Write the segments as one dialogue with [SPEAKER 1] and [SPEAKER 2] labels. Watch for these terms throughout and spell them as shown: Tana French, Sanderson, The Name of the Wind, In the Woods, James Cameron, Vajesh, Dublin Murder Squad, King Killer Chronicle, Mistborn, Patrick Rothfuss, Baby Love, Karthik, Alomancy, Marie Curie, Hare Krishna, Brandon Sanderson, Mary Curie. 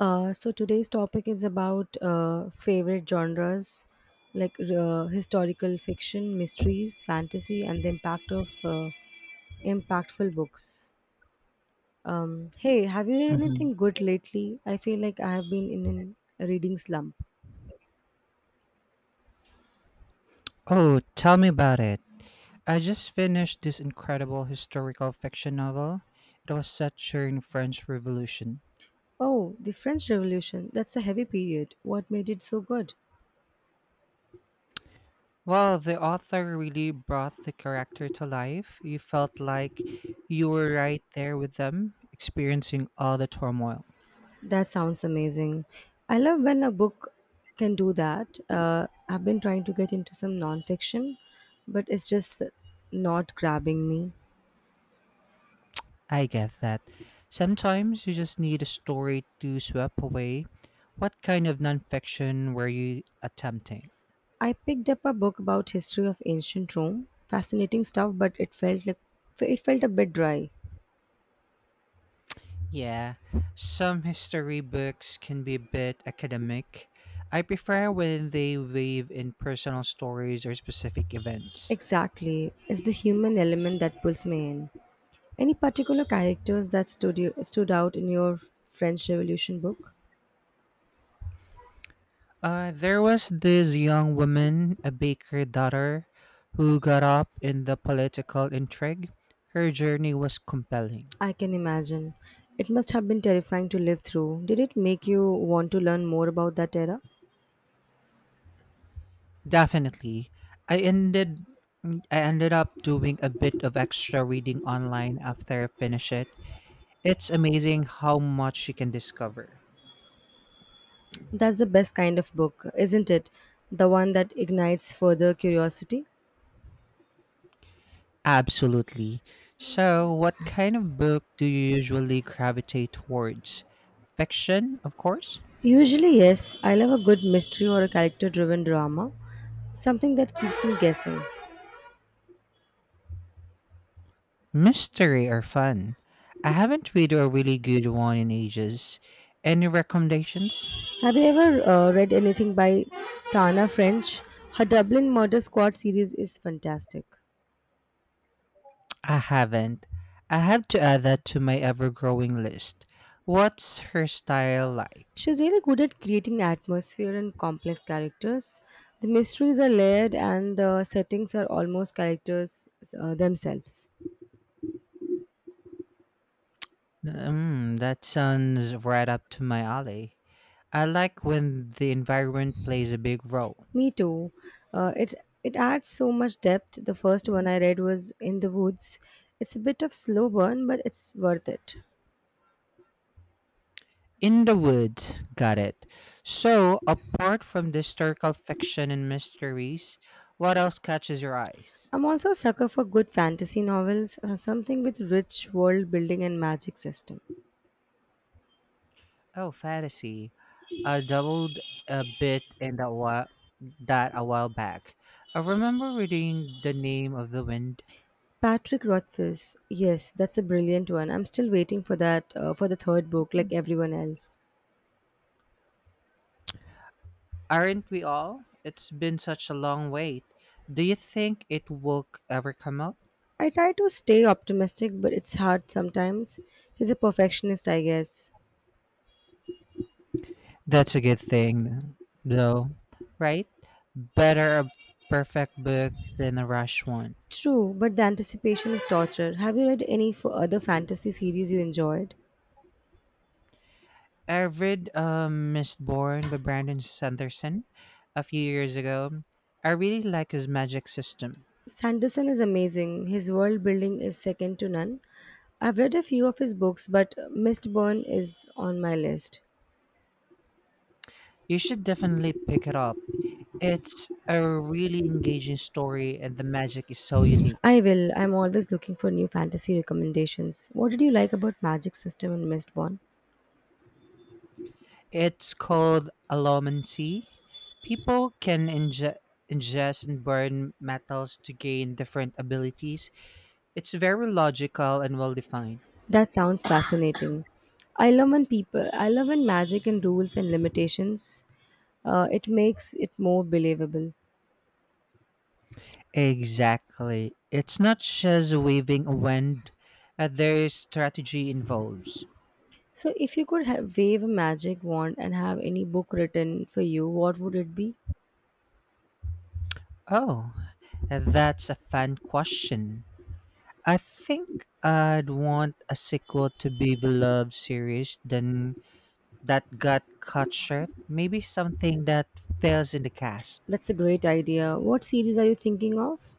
[SPEAKER 1] So today's topic is about favorite genres like historical fiction, mysteries, fantasy, and the impact of impactful books. Hey, have you read
[SPEAKER 2] Mhm.
[SPEAKER 1] anything good lately? I feel like I have been in a reading slump.
[SPEAKER 2] Oh, tell me about it. I just finished this incredible historical fiction novel. It was set during the French Revolution.
[SPEAKER 1] Oh, the French Revolution. That's a heavy period. What made it so good?
[SPEAKER 2] Well, the author really brought the character to life. You felt like you were right there with them, experiencing all the turmoil.
[SPEAKER 1] That sounds amazing. I love when a book can do that. I've been trying to get into some nonfiction, but it's just not grabbing me.
[SPEAKER 2] I get that. Sometimes you just need a story to sweep away. What kind of nonfiction were you attempting?
[SPEAKER 1] I picked up a book about history of ancient Rome. Fascinating stuff, but it felt a bit dry.
[SPEAKER 2] Yeah, some history books can be a bit academic. I prefer when they weave in personal stories or specific events.
[SPEAKER 1] Exactly, it's the human element that pulls me in. Any particular characters that stood out in your French Revolution book?
[SPEAKER 2] There was this young woman, a baker daughter, who got up in the political intrigue. Her journey was compelling.
[SPEAKER 1] I can imagine. It must have been terrifying to live through. Did it make you want to learn more about that era?
[SPEAKER 2] Definitely. I ended I ended up doing a bit of extra reading online after I finish it. It's amazing how much you can discover.
[SPEAKER 1] That's the best kind of book, isn't it? The one that ignites further curiosity?
[SPEAKER 2] Absolutely. So, what kind of book do you usually gravitate towards? Fiction, of course?
[SPEAKER 1] Usually, yes. I love a good mystery or a character driven drama, something that keeps me guessing.
[SPEAKER 2] Mystery or fun? I haven't read a really good one in ages. Any recommendations?
[SPEAKER 1] Have you ever read anything by Tana French? Her Dublin Murder Squad series is fantastic.
[SPEAKER 2] I haven't. I have to add that to my ever growing list. What's her style like?
[SPEAKER 1] She's really good at creating atmosphere and complex characters. The mysteries are layered and the settings are almost characters themselves.
[SPEAKER 2] Mm, that sounds right up to my alley. I like when the environment plays a big role.
[SPEAKER 1] Me too. Uh, it it adds so much depth. The first one I read was In the Woods. It's a bit of slow burn, but it's worth it.
[SPEAKER 2] In the woods, got it. So, apart from the historical fiction and mysteries, what else catches your eyes?
[SPEAKER 1] I'm also a sucker for good fantasy novels, something with rich world building and magic system.
[SPEAKER 2] Oh, fantasy. I dabbled a bit in that wa- that a while back. I remember reading The Name of the Wind.
[SPEAKER 1] Patrick Rothfuss, yes, that's a brilliant one. I'm still waiting for that for the third book, like everyone else.
[SPEAKER 2] Aren't we all? It's been such a long wait. Do you think it will ever come out?
[SPEAKER 1] I try to stay optimistic, but it's hard sometimes. He's a perfectionist, I guess.
[SPEAKER 2] That's a good thing, though, right? Better a perfect book than a rushed one.
[SPEAKER 1] True, but the anticipation is torture. Have you read any for other fantasy series you enjoyed?
[SPEAKER 2] I read Mistborn by Brandon Sanderson a few years ago. I really like his magic system.
[SPEAKER 1] Sanderson is amazing. His world building is second to none. I've read a few of his books, but Mistborn is on my list.
[SPEAKER 2] You should definitely pick it up. It's a really engaging story, and the magic is so
[SPEAKER 1] I
[SPEAKER 2] unique.
[SPEAKER 1] will. I'm always looking for new fantasy recommendations. What did you like about Magic System and Mistborn?
[SPEAKER 2] It's called Alomancy. People can ingest and burn metals to gain different abilities. It's very logical and well defined.
[SPEAKER 1] That sounds fascinating. I love when magic and rules and limitations, it makes it more believable.
[SPEAKER 2] Exactly. It's not just waving a wand, there is strategy involved.
[SPEAKER 1] So, if you could have wave a magic wand and have any book written for you, what would it be?
[SPEAKER 2] Oh, that's a fun question. I think I'd want a sequel to Baby Love series than that got cut short, maybe something that fails in the cast.
[SPEAKER 1] That's a great idea. What series are you thinking of?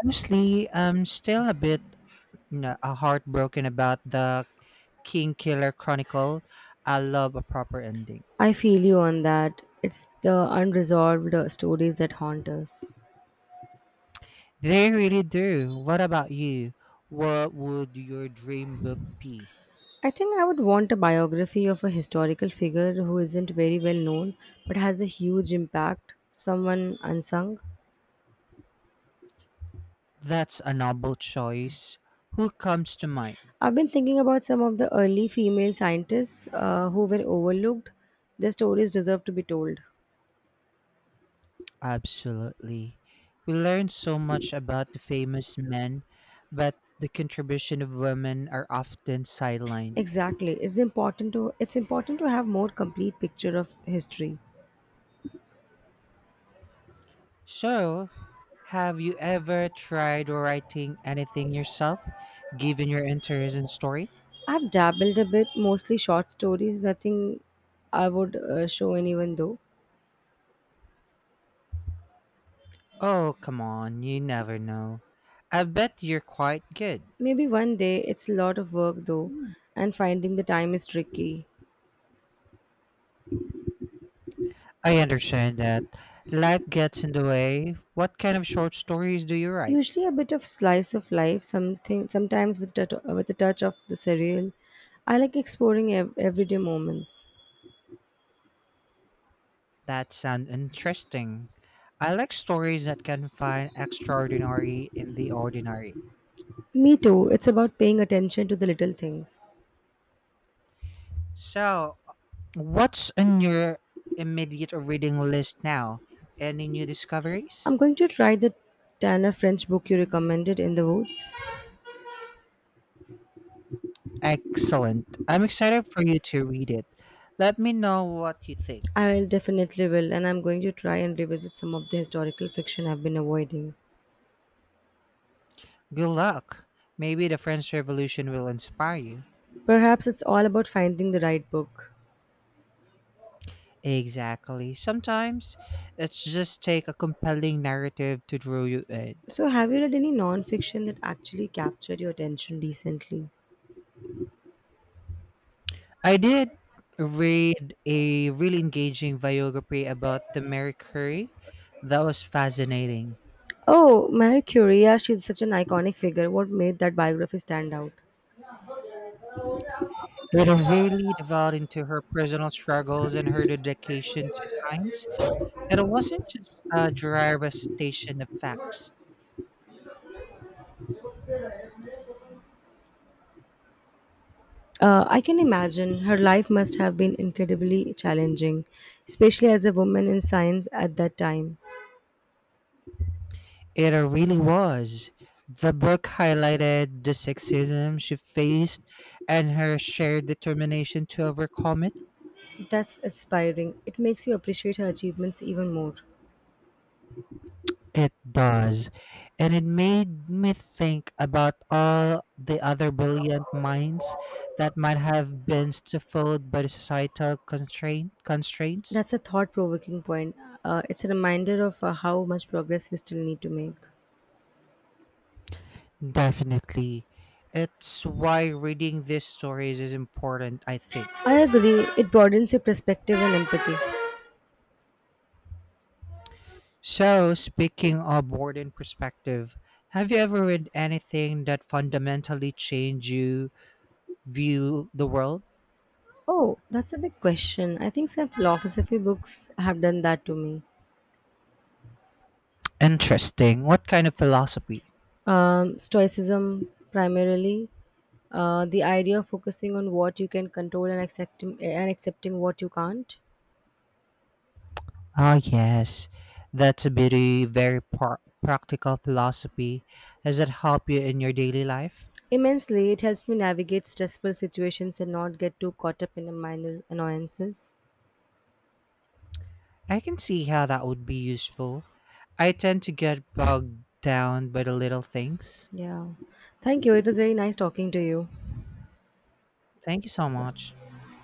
[SPEAKER 2] Honestly, I'm still a bit heartbroken about the King Killer Chronicle. I love a proper ending.
[SPEAKER 1] I feel you on that. It's the unresolved stories that haunt us.
[SPEAKER 2] They really do. What about you? What would your dream book be?
[SPEAKER 1] I think I would want a biography of a historical figure who isn't very well known but has a huge impact, someone unsung.
[SPEAKER 2] That's a noble choice. Who comes to mind?
[SPEAKER 1] I've been thinking about some of the early female scientists who were overlooked. Their stories deserve to be told.
[SPEAKER 2] Absolutely. We learn so much about the famous men, but the contribution of women are often sidelined.
[SPEAKER 1] Exactly. It's important to have more complete picture of history.
[SPEAKER 2] So, have you ever tried writing anything yourself, given your interest in story?
[SPEAKER 1] I've dabbled a bit, mostly short stories, nothing I would show anyone though.
[SPEAKER 2] Oh, come on, you never know. I bet you're quite good.
[SPEAKER 1] Maybe one day. It's a lot of work though,
[SPEAKER 2] Hmm.
[SPEAKER 1] and finding the time is tricky.
[SPEAKER 2] I understand that. Life gets in the way. What kind of short stories do you write?
[SPEAKER 1] Usually a bit of slice of life, something sometimes with with a touch of the surreal. I like exploring everyday moments.
[SPEAKER 2] That sounds interesting. I like stories that can find extraordinary in the ordinary.
[SPEAKER 1] Me too. It's about paying attention to the little things.
[SPEAKER 2] So, what's on your immediate reading list now? Any new
[SPEAKER 1] I'm
[SPEAKER 2] discoveries?
[SPEAKER 1] going to try the Tanner French book you recommended in the woods.
[SPEAKER 2] Excellent. I'm excited for you to read it. Let me know what you think.
[SPEAKER 1] I definitely will, and I'm going to try and revisit some of the historical fiction I've been avoiding.
[SPEAKER 2] Good luck. Maybe the French Revolution will inspire you.
[SPEAKER 1] Perhaps it's all about finding the right book.
[SPEAKER 2] Exactly. Sometimes it's just take a compelling narrative to draw you in.
[SPEAKER 1] So, have you read any non-fiction that actually captured your attention recently?
[SPEAKER 2] I did read a really engaging biography about the Mary Curie. That was fascinating.
[SPEAKER 1] Oh, Marie Curie, yeah, she's such an iconic figure. What made that biography stand out?
[SPEAKER 2] It really delved into her personal struggles and her dedication to science. And it wasn't just a dry recitation of facts.
[SPEAKER 1] I can imagine her life must have been incredibly challenging, especially as a woman in science at that time.
[SPEAKER 2] It really was. The book highlighted the sexism she faced and her shared determination to overcome it.
[SPEAKER 1] That's inspiring. It makes you appreciate her achievements even more.
[SPEAKER 2] It does. And it made me think about all the other brilliant minds that might have been stifled by the societal constraints.
[SPEAKER 1] That's a thought provoking point. It's a reminder of how much progress we still need to make.
[SPEAKER 2] Definitely. It's why reading these stories is important, I think.
[SPEAKER 1] I agree, it broadens your perspective and empathy.
[SPEAKER 2] So, speaking of Warden perspective, have you ever read anything that fundamentally changed you view the world?
[SPEAKER 1] Oh, that's a big question. I think some philosophy books have done that to me.
[SPEAKER 2] Interesting. What kind of philosophy?
[SPEAKER 1] Stoicism, primarily, the idea of focusing on what you can control and accepting what you can't.
[SPEAKER 2] Ah, yes, that's a practical philosophy. Does it help you in your daily life?
[SPEAKER 1] Immensely, it helps me navigate stressful situations and not get too caught up in the minor annoyances.
[SPEAKER 2] I can see how that would be useful. I tend to get bogged down by the little things.
[SPEAKER 1] Yeah. Thank you. It was very nice talking to you.
[SPEAKER 2] Thank you so
[SPEAKER 1] Yeah.
[SPEAKER 2] much.